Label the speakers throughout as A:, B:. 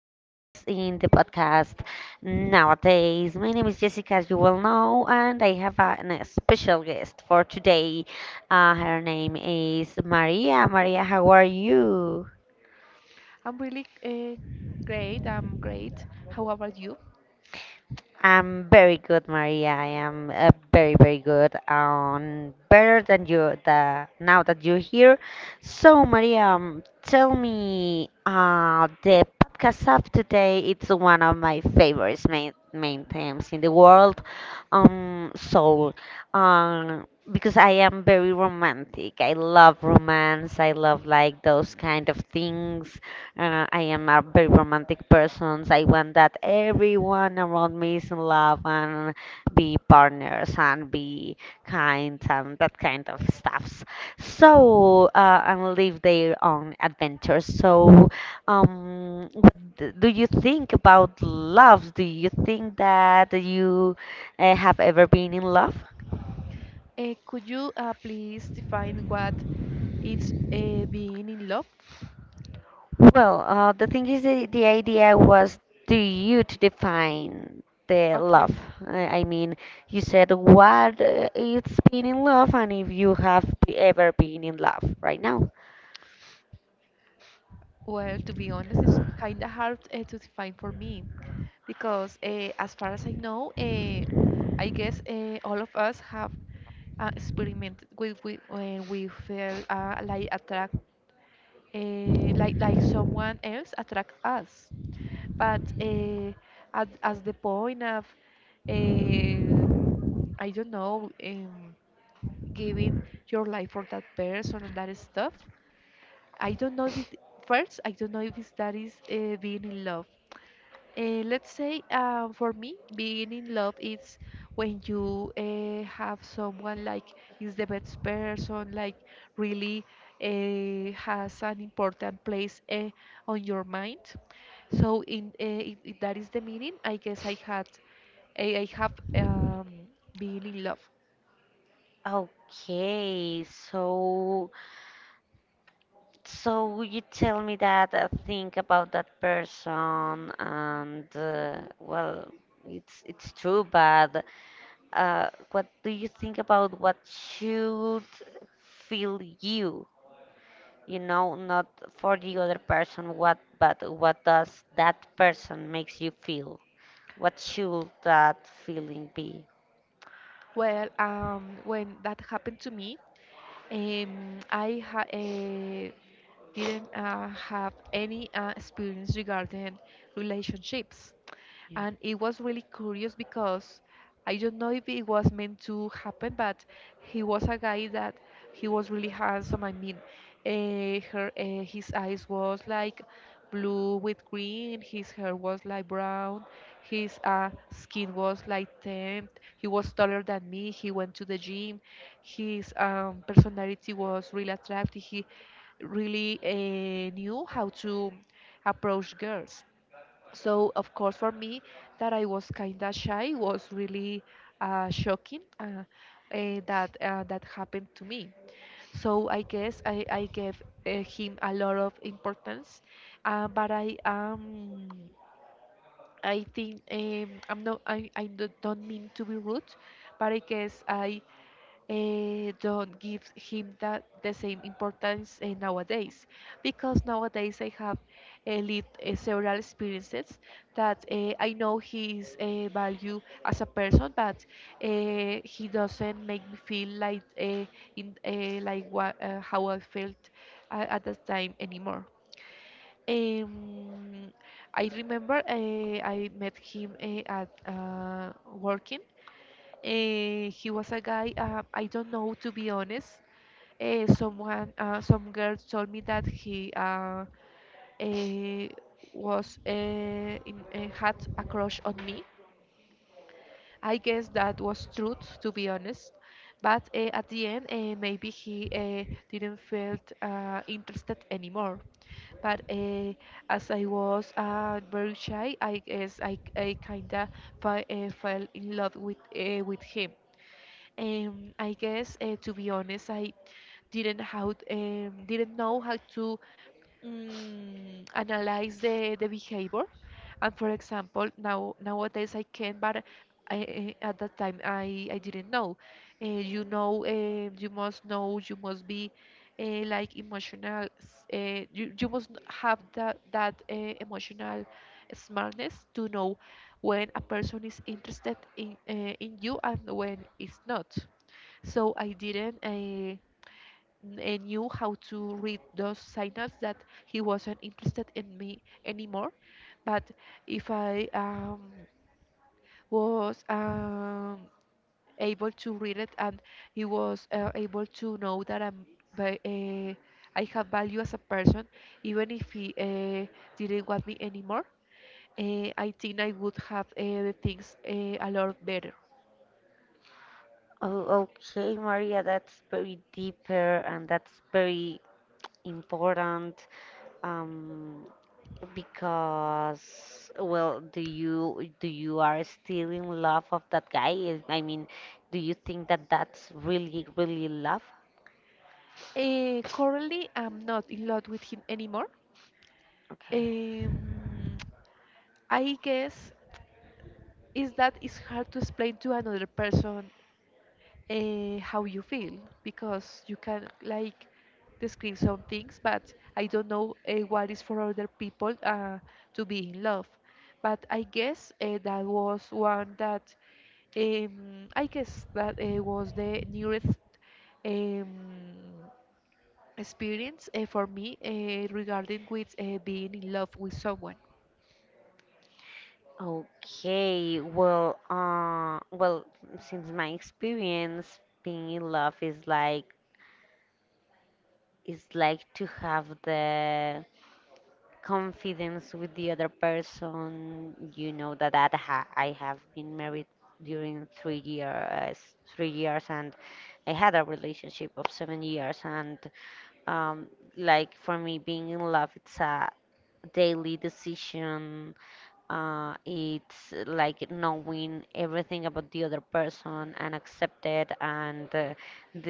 A: us in the podcast nowadays. My name is Jessica, as you well know, and I have a special guest for today. Her name is Maria. Maria, how are you?
B: I'm really great. I'm great. How about you?
A: I'm very good, Maria. I am very, very good. Better than you now that you're here. So, Maria, tell me, the podcast of today, it's one of my favorites main themes in the world. So, because I am very romantic. I love romance. I love like those kind of things. I am a very romantic person. I want that everyone around me is in love and be partners and be kind and that kind of stuffs. So, and live their own adventures. So, what do you think about love? Do you think that you have ever been in love?
B: Could you please define what it's being in love?
A: Well, the thing is, the idea was to you to define the love.
B: Okay.
A: I mean, you said what it's being in love, and if you have ever been in love right now.
B: Well, to be honest, it's kind of hard to define for me because, as far as I know, I guess all of us have experimented with when we feel like attract, like someone else attract us. But as the point of, um I don't know, giving your life for that person and that stuff, I don't know if it, first, I don't know if it's, that is being in love. Let's say, for me, being in love is when you have someone like is the best person, like really has an important place on your mind. So in if, that is the meaning, I guess I have been in love.
A: Okay, so you tell me that think about that person, and well, it's true, but what do you think about what should feel you? You know Not for the other person, what, but what does that person makes you feel? What should that feeling be?
B: Well, when that happened to me, I ha didn't have any experience regarding relationships,
A: Yeah.
B: and it was really curious because I don't know if it was meant to happen, but he was a guy that he was really handsome. I mean, her his eyes was like blue with green, his hair was like brown, his skin was like tanned. He was taller than me. He went to the gym. His personality was really attractive. He really knew how to approach girls. So, of course, for me, that I was kind of shy was really shocking, that happened to me. So I guess I gave him a lot of importance, but I think, I'm not, don't mean to be rude, but I guess I don't give him that the same importance nowadays, because nowadays I have lived several experiences that I know his value as a person, but he doesn't make me feel like what how I felt at that time anymore. Um, I remember I met him at working. He was a guy, I don't know, to be honest. Some girls told me that he uh, was had a crush on me. I guess that was truth, to be honest. But at the end, maybe he didn't feel interested anymore. But as I was very shy, I guess I kinda fell in love with with him. I guess, to be honest, I didn't know how to analyze the behavior. And for example, nowadays I can, but at that time I didn't know. You must know, you must be like emotional. You must have that emotional smartness to know when a person is interested in you and when it's not, so I didn't I knew how to read those signals that he wasn't interested in me anymore. But if I was able to read it and he was able to know that ve- uh, I have value as a person, even if he didn't want me anymore, I think I would have the things a lot better.
A: Oh, okay, Maria, that's very deeper, and that's very important. um because, well, do you are still in love of that guy? I mean, do you think that that's really really love?
B: Currently, I'm not in love with him anymore.
A: Okay.
B: Um, I guess is that it's hard to explain to another person how you feel, because you can like describe some things, but I don't know what is for other people to be in love. But I guess that was one that I guess that was the nearest um, experience for me regarding with being in love with someone.
A: Okay, well, well, since my experience, being in love is like to have the confidence with the other person. You know that that ha I have been married during 3 years, 3 years, and I had a relationship of 7 years, and um, like for me, being in love, it's a daily decision. It's like knowing everything about the other person and accept it and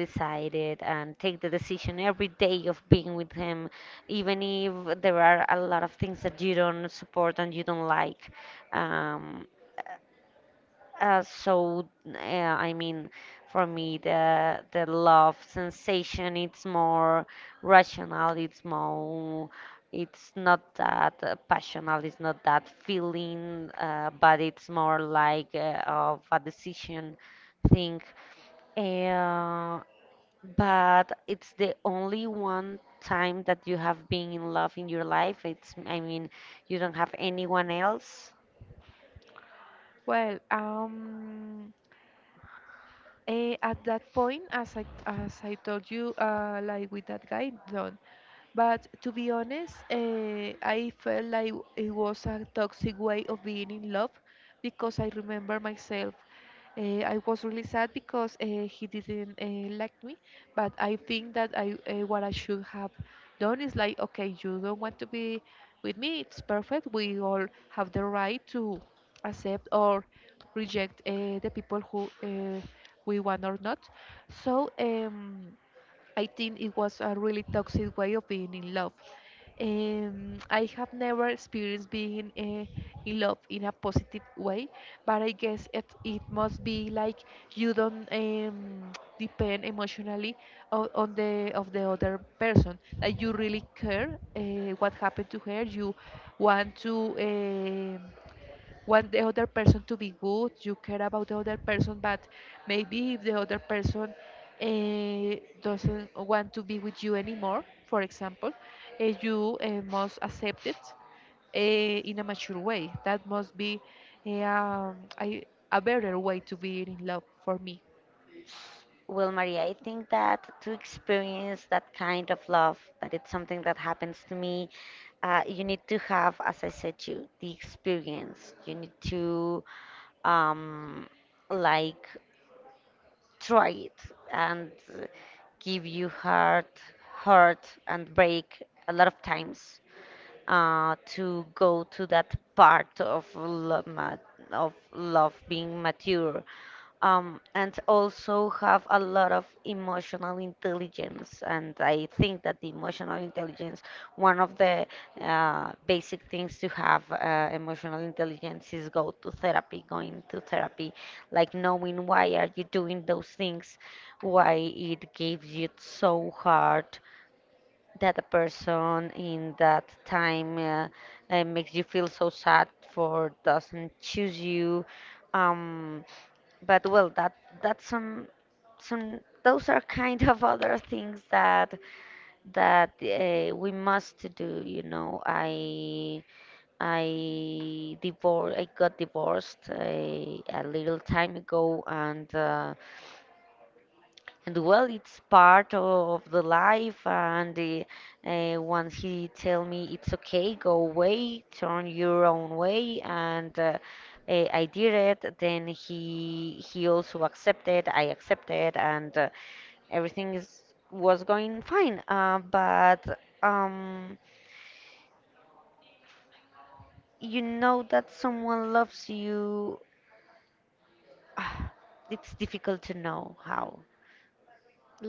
A: decide it and take the decision every day of being with him, even if there are a lot of things that you don't support and you don't like. Um, so, I mean, for me, the love sensation, it's more rational. It's more, it's not that passional. It's not that feeling, but it's more like of a decision thing. Uh, but it's the only one time that you have been in love in your life. It's, I mean, you don't have anyone else.
B: Well, at that point, as I told you, like with that guy, done. But to be honest, I felt like it was a toxic way of being in love, because I remember myself. I was really sad because he didn't like me, but I think that what I should have done is, like, okay, you don't want to be with me. It's perfect. We all have the right to accept or reject the people who we want or not. So, I think it was a really toxic way of being in love. I have never experienced being in love in a positive way, but I guess it must be like you don't depend emotionally on the other person. That you really care what happened to her. You want to. um want the other person to be good, you care about the other person, but maybe if the other person uh, doesn't want to be with you anymore, for example, you must accept it in a mature way. That must be a, um, I- a better way to be in love for me.
A: Well, Maria, I think that to experience that kind of love, that it's something that happens to me, you need to have, as I said to you, the experience. You need to um, like try it and give you heart, hurt and break a lot of times to go to that part of love being mature, and also have a lot of emotional intelligence. And I think that the emotional intelligence, one of the basic things to have emotional intelligence is go to therapy, going to therapy, like knowing why are you doing those things, why it gives you so hard that a person in that time makes you feel so sad for doesn't choose you. Um, but well, that that's some those are kind of other things that that we must to do. I divorced I got divorced a little time ago, and well, it's part of the life, and once he tell me it's okay, go away, turn your own way, and I did it. Then he also accepted. I accepted, and everything is was going fine, but you know that someone loves you. It's difficult to know how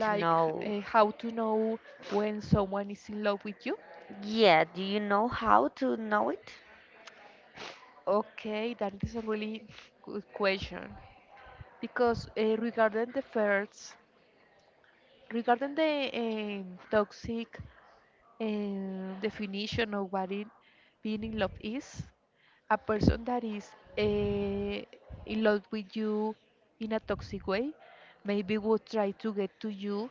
A: to know.
B: how to know when someone is in love with you?
A: Yeah, do you know how to know it?
B: Okay, that is a really good question because regarding the toxic definition of what it, being in love is, a person that is in love with you in a toxic way maybe would try to get to you,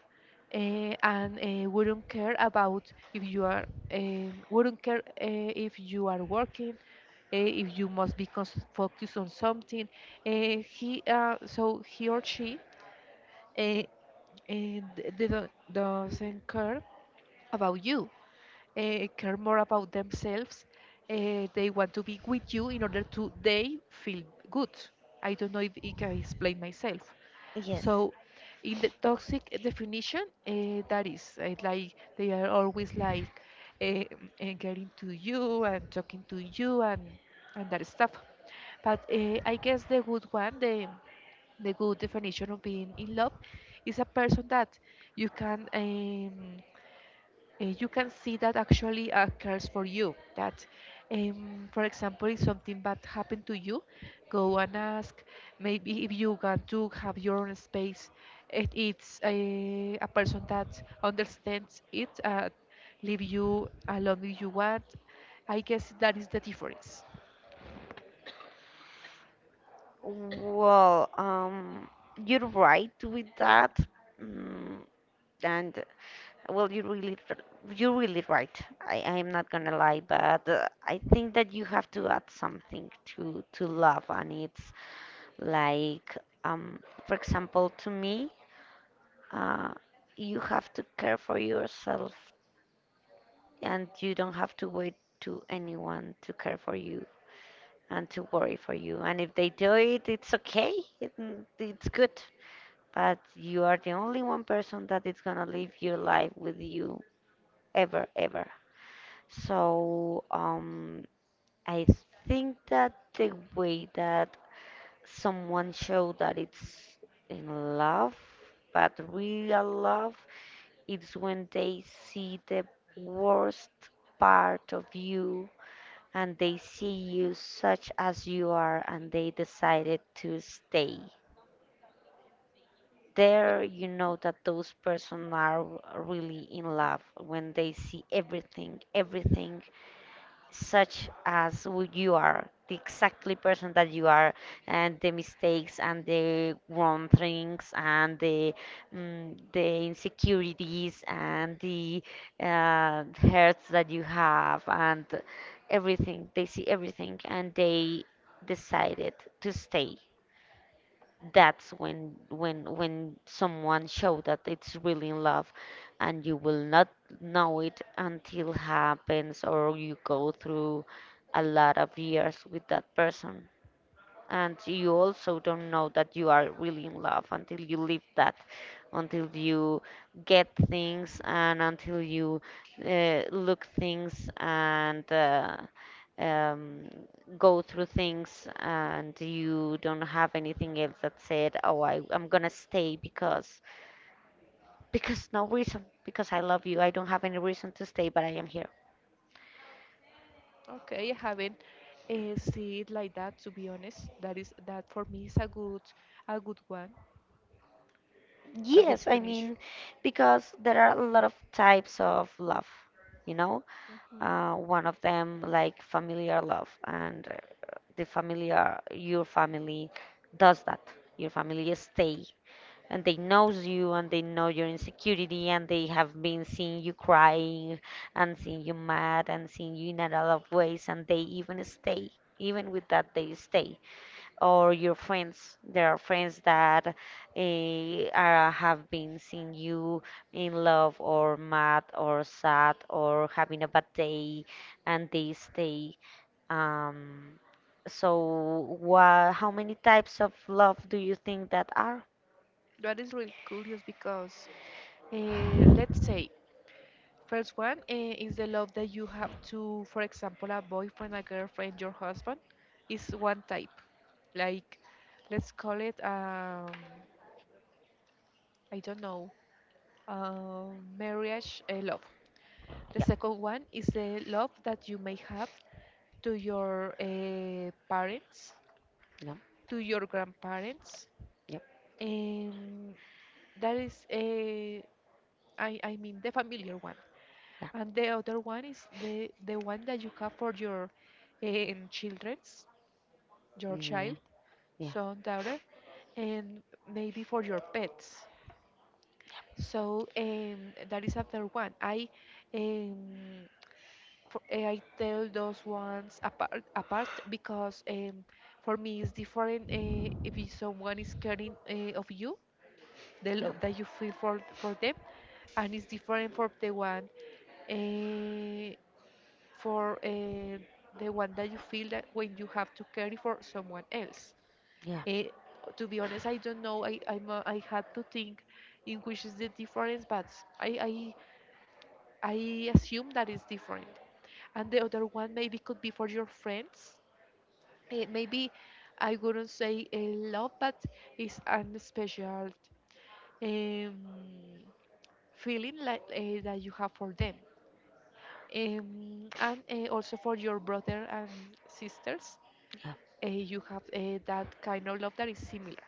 B: and wouldn't care about if you are wouldn't care if you are working, if you must be focused on something. Uh, he So he or she, uh, and they don't, doesn't care about you, care more about themselves. They want to be with you in order to they feel good. I don't know if I can explain myself.
A: Yes.
B: So, in the toxic definition, that is like they are always like uh, getting to you and talking to you and that stuff. But I guess the good one, the good definition of being in love is a person that you can um, you can see that actually occurs for you. That, for example, if something bad happened to you, go and ask. Maybe if you want to have your own space, a person that understands it, leave you alone if you want. I guess that is the difference.
A: Well, you're right with that, mm, and well, you really, you're really right. I'm not gonna lie, but I think that you have to add something to love, and it's like, um, for example, to me, uh, you have to care for yourself, and you don't have to wait to anyone to care for you and to worry for you. And if they do it, it's okay. It, it's good. But you are the only one person that is gonna live your life with you ever, ever. So, I think that the way that someone show that it's in love, but real love, it's when they see the worst part of you and they see you such as you are and they decided to stay. There, you know that those person are really in love when they see everything, everything such as who you are, the exactly person that you are, and the mistakes and the wrong things and the the insecurities and the uh, hurts that you have, and everything, they see everything, and they decided to stay. That's when someone show that it's really in love. And you will not know it until happens, or you go through a lot of years with that person. And you also don't know that you are really in love until you live that, until you get things, and until you look things, and um, go through things, and you don't have anything else that said, oh, I'm gonna stay. Because no reason, because I love you. I don't have any reason to stay, but I am here.
B: Okay, I haven't see it like that. To be honest, that for me is a good one, a good
A: Yes, I
B: definition.
A: mean, because there are a lot of types of love. you know
B: Hmm.
A: One of them like familiar love, and the familiar, your family does that. Your family stay, and they knows you, and they know your insecurity, and they have been seeing you crying and seeing you mad and seeing you in a lot of ways, and they even stay, even with that they stay. Or your friends. There are friends that have been seeing you in love or mad or sad or having a bad day, and they stay. Um, so, wha how many types of love do you think that are?
B: That is really curious because, let's say, first one is the love that you have to, for example, a boyfriend, a girlfriend, your husband, is one type. Like, let's call it, I don't know, marriage love. The second one is the love that you may have to your parents,
A: Yeah,
B: to your grandparents.
A: yeah,
B: Um, that is, a I mean, the familiar one.
A: yeah,
B: And the other one is the one that you have for your children's, your
A: yeah,
B: child,
A: yeah,
B: son, daughter, and maybe for your pets. So, that is another one. I um, for, I tell those ones apart because, for me it's different if it's someone is caring of you, the
A: yeah,
B: love that you feel for them, and it's different for the one, uh, for the one that you feel that when you have to care for someone else.
A: yeah, yeah,
B: Eh, to be honest, I don't know. I'm, I had to think in which is the difference, but I I I assume that is different. And the other one maybe could be for your friends. Maybe I wouldn't say a love, but it's an special um, feeling like, that you have for them. And also for your brother and sisters,
A: yeah.
B: you have that kind of love that is similar.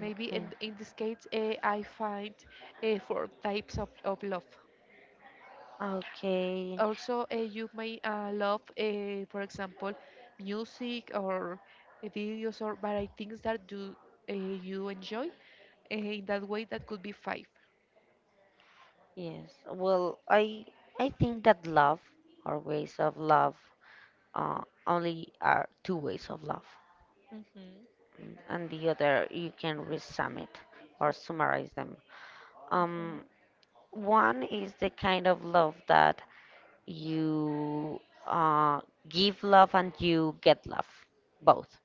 B: Maybe
A: Okay.
B: in this case, I find four types of love.
A: Okay.
B: Also, you may love, for example, music or videos or variety things that do you enjoy, in that way that could be five.
A: Yes. Well, I think that love or ways of love uh, only are two ways of love,
B: Mhm.
A: and the other you can resum it or summarize them.
B: Mhm.
A: Um, One is the kind of love that you uh, give love and you get love, both.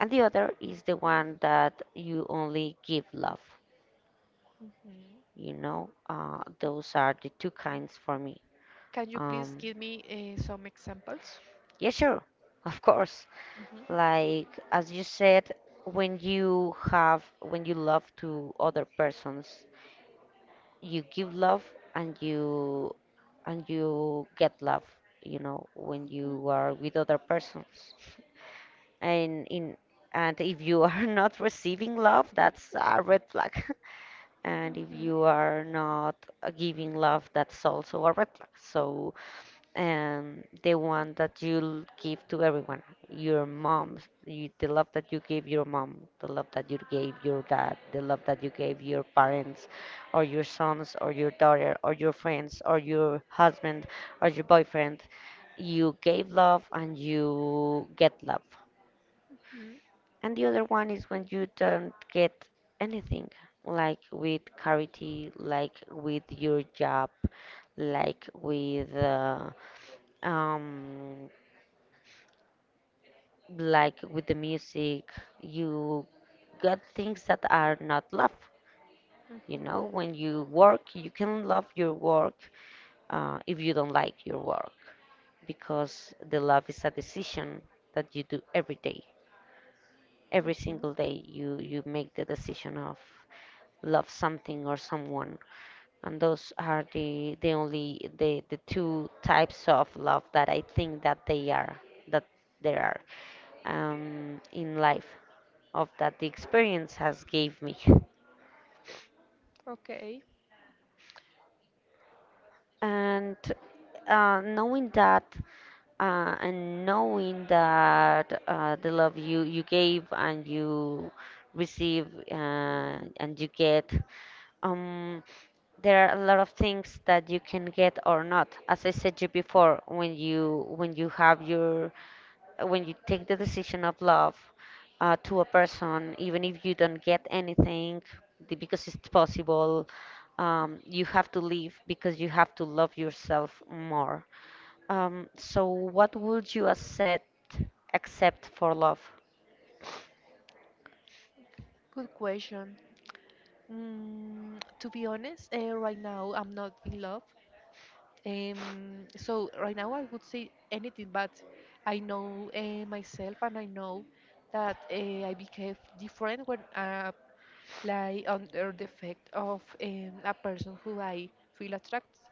A: And the other is the one that you only give love.
B: Mhm.
A: You know, those are the two kinds for me.
B: Can you please
A: Um,
B: give me some examples?
A: yeah, sure, of course.
B: Mhm.
A: Like, as you said, when you have when you love to other persons, you give love, and you get love. You know, when
B: Mhm.
A: you are with other persons, and in and if you are not receiving love, that's a red flag. And if
B: Mhm.
A: you are not giving love, that's also a red flag. So, and the one that you give to everyone, your mom, the love that you gave your mom, the love that you gave your dad, the love that you gave your parents, or your sons, or your daughter, or your friends, or your husband, or your boyfriend. You gave love and you get love.
B: Mhm.
A: And the other one is when you don't get anything, like with charity, like with your job, like with uh, um like with the music, you got things that are not love. You know,
B: Mhm.
A: when you work, you can love your work if you don't like your work, because the love is a decision that you do every day. Every
B: Mhm.
A: single day, you make the decision of love something or someone. And those are the only the two types of love that I think that there are in life. Of that the experience has gave me,
B: Okay.
A: and knowing that the love you gave and you receive, and you get, um, there are a lot of things that you can get or not, as I said you before, when you have your when you take the decision of love to a person, even if you don't get anything, because it's possible, you have to leave because you have to love yourself more. So, what would you accept for love?
B: Good question. To be honest, right now I'm not in love. So right now I would say anything, but I know myself and I know that I behave different when, like, under the effect of a person who I feel attracted.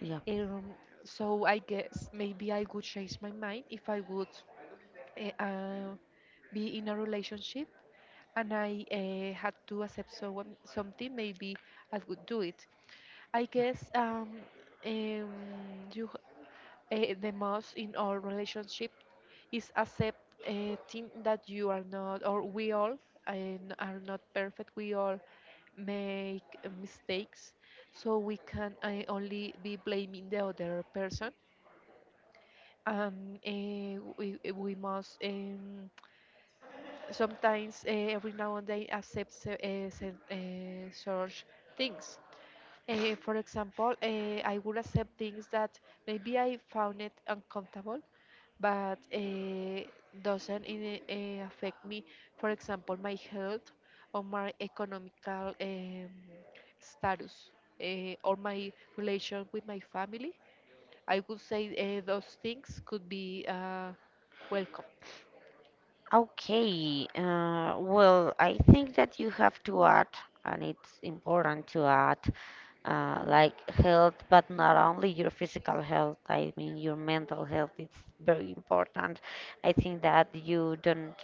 A: Yeah.
B: Um, so I guess maybe I would change my mind if I would uh, uh, be in a relationship and I, had to accept someone something. Maybe I would do it. I guess um, you the most in our relationship is accept thing that you are not, or we all are not perfect. We all make mistakes, so we can only be blaming the other person. And we must sometimes, every now and then, accept such things. For example, I would accept things that maybe I found it uncomfortable, but it doesn't affect me, for example, my health or my economical status, or my relation with my family. I would say those things could be welcome.
A: Okay. Well, I think that you have to add, and it's important to add like health, but not only your physical health. I mean, your mental health is very important. I think that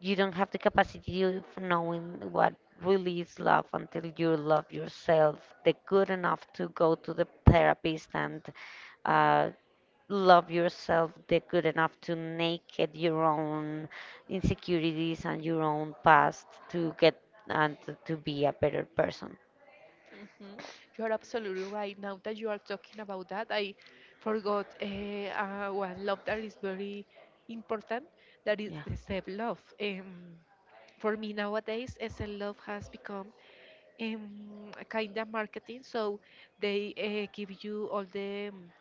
A: you don't have the capacity of knowing what really is love until you love yourself, the good enough to go to the therapist and uh, love yourself, the good enough to naked your own insecurities and your own past to get and to be a better person.
B: Mhm. You are absolutely right. Now that you are talking about that, I forgot one love that is very important. That is
A: Yeah,
B: the self love. For me nowadays, self love has become a kind of marketing. So they give you all the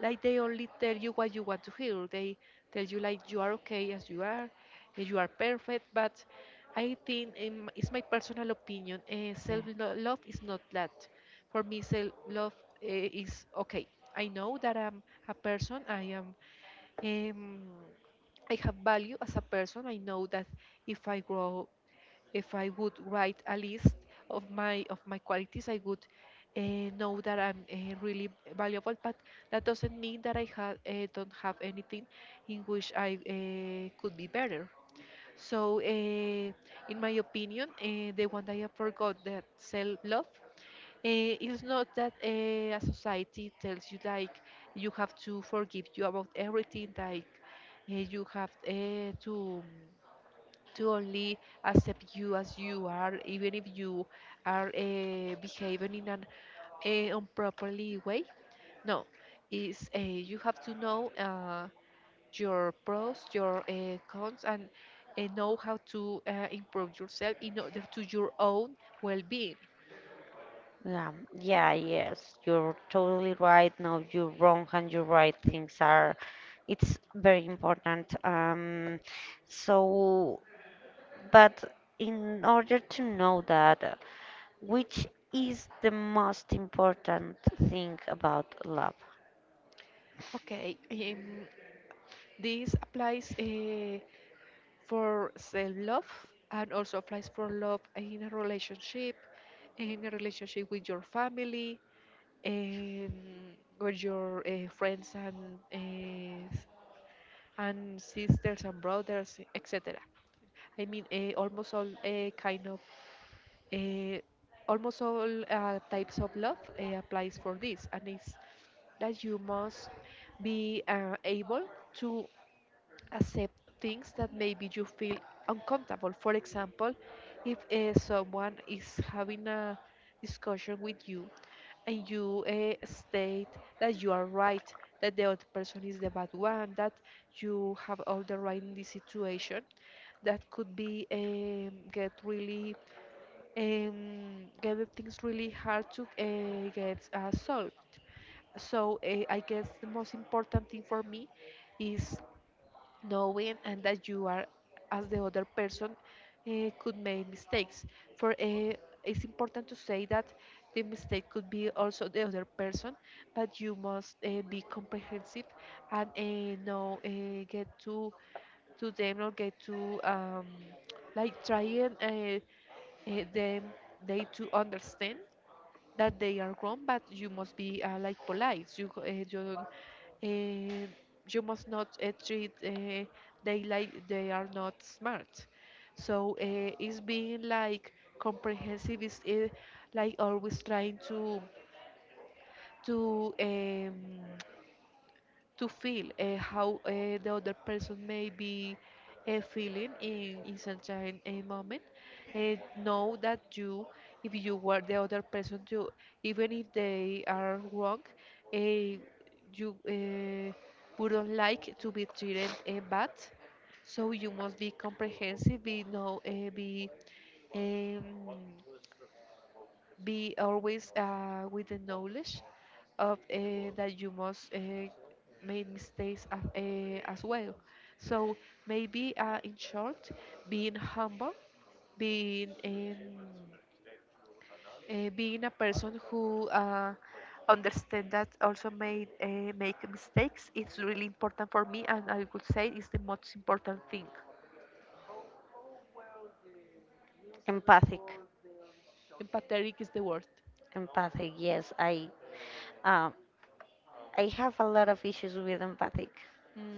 B: like they only tell you what you want to hear. They tell you like you are okay as you are, eh, you are perfect. But I think, it's my personal opinion.
A: yeah.
B: Self love is not that. For me, self love is okay. I know that I'm a person. I am. Um, I have value as a person. I know that if I grow if I would write a list of my qualities, I would know that I'm really valuable. But that doesn't mean that don't have anything in which I could be better. So, in my opinion, the one that I forgot, that self-love is not that a society tells you, like you have to forgive you about everything, like you have to only accept you as you are, even if you are behaving in an uh, improperly way. No, is you have to know your pros, your cons, and know how to improve yourself in order to your own well-being.
A: Yeah, yeah, yes, you're totally right. No, you're wrong and you're right. Things are, it's very important. So, but in order to know that, which is the most important thing about love?
B: Okay, this applies for self-love, and also applies for love in a relationship with your family, um, with your friends and sisters and brothers, etc. I mean, almost all kind of uh, almost all types of love applies for this, and it's that you must be able to accept things that maybe you feel uncomfortable. For example, if someone is having a discussion with you, and you state that you are right, that the other person is the bad one, that you have all the right in this situation, that could be, get really, get the things really hard to get solved. So I guess the most important thing for me is knowing and that you, are as the other person, could make mistakes. For It's important to say that the mistake could be also the other person, but you must be comprehensive and know get to them, or get to, like trying them they to understand that they are wrong. But you must be like polite. You don't, eh, you must not treat they like they are not smart. So it's being like comprehensive, is like always trying to to um, to feel how the other person may be feeling in certain moment. Know that you, if you were the other person, you, even if they are wrong, uh, you wouldn't like to be treated bad. So you must be comprehensive, be know, be, um, be always with the knowledge of that you must make mistakes as well. So maybe in short, being humble, being, being a person who understand that also made make mistakes, it's really important for me, and I would say it's the most important thing.
A: Empathic,
B: Empathetic is the word.
A: empathic. Yes, uh, I have a lot of issues with empathic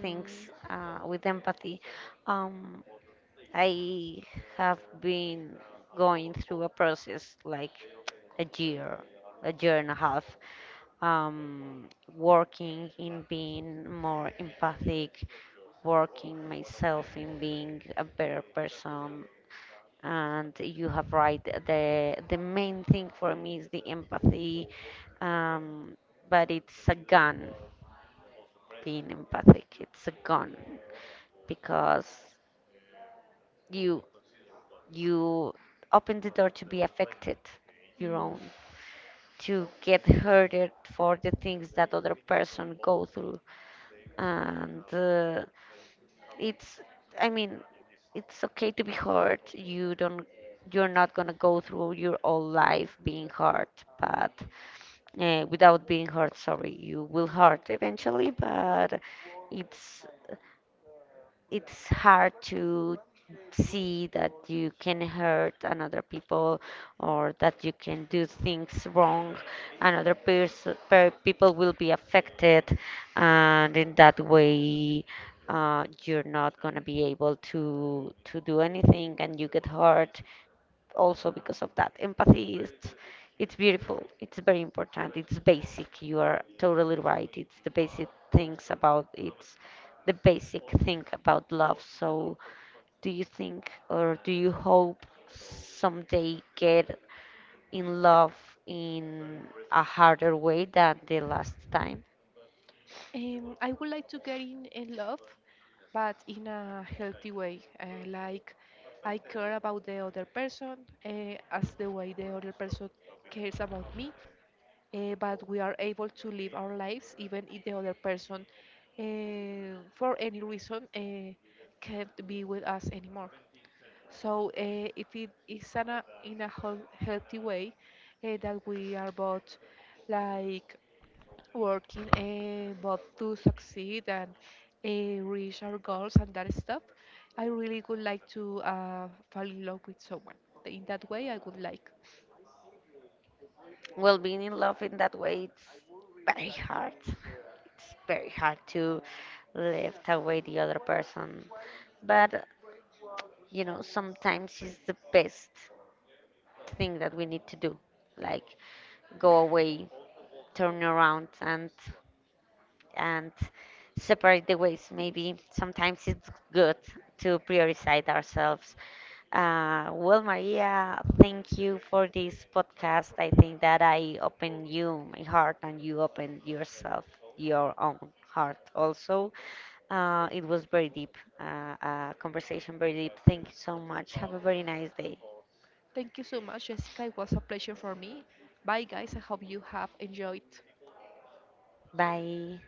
A: things, with empathy. Um, I have been going through a process like a year, a year and a half, um, working in being more empathic, working myself in being a better person. And you have right. The main thing for me is the empathy, um, but it's a gun being empathic. It's a gun because you you open the door to be affected your
B: Mm.
A: own, to get hurted for the things that other person go through, and it's, I mean, it's okay to be hurt. You're not gonna go through your whole life being hurt, but without being hurt, sorry, you will hurt eventually. But it's it's hard to see that you can hurt another people, or that you can do things wrong, another person, people will be affected, and in that way, you're not going to be able to do anything, and you get hurt also because of that. Empathy is, it's beautiful. It's very important. It's basic. You are totally right. It's the basic thing about love. So, do you think or do you hope someday get in love in a harder way than the last time?
B: I would like to get in love, but in a healthy way. Like, I care about the other person as the way the other person cares about me. But we are able to live our lives, even if the other person, for any reason, can't be with us anymore. So if it is in a, healthy way, that we are both, like, working both to succeed and reach our goals and that stuff. I really would like to fall in love with someone. In that way, I would like.
A: Well, being in love in that way, it's very hard. It's very hard to lift away the other person. But you know, sometimes it's the best thing that we need to do. Like, go away, turn around, and and separate the ways. Maybe sometimes it's good to prioritize ourselves. Well, Maria, thank you for this podcast. I think that I opened you my heart, and you opened yourself, your own heart also. It was very deep, conversation very deep. Thank you so much. Have a very nice day.
B: Thank you so much, Jessica. It was a pleasure for me. Bye, guys. I hope you have enjoyed.
A: Bye.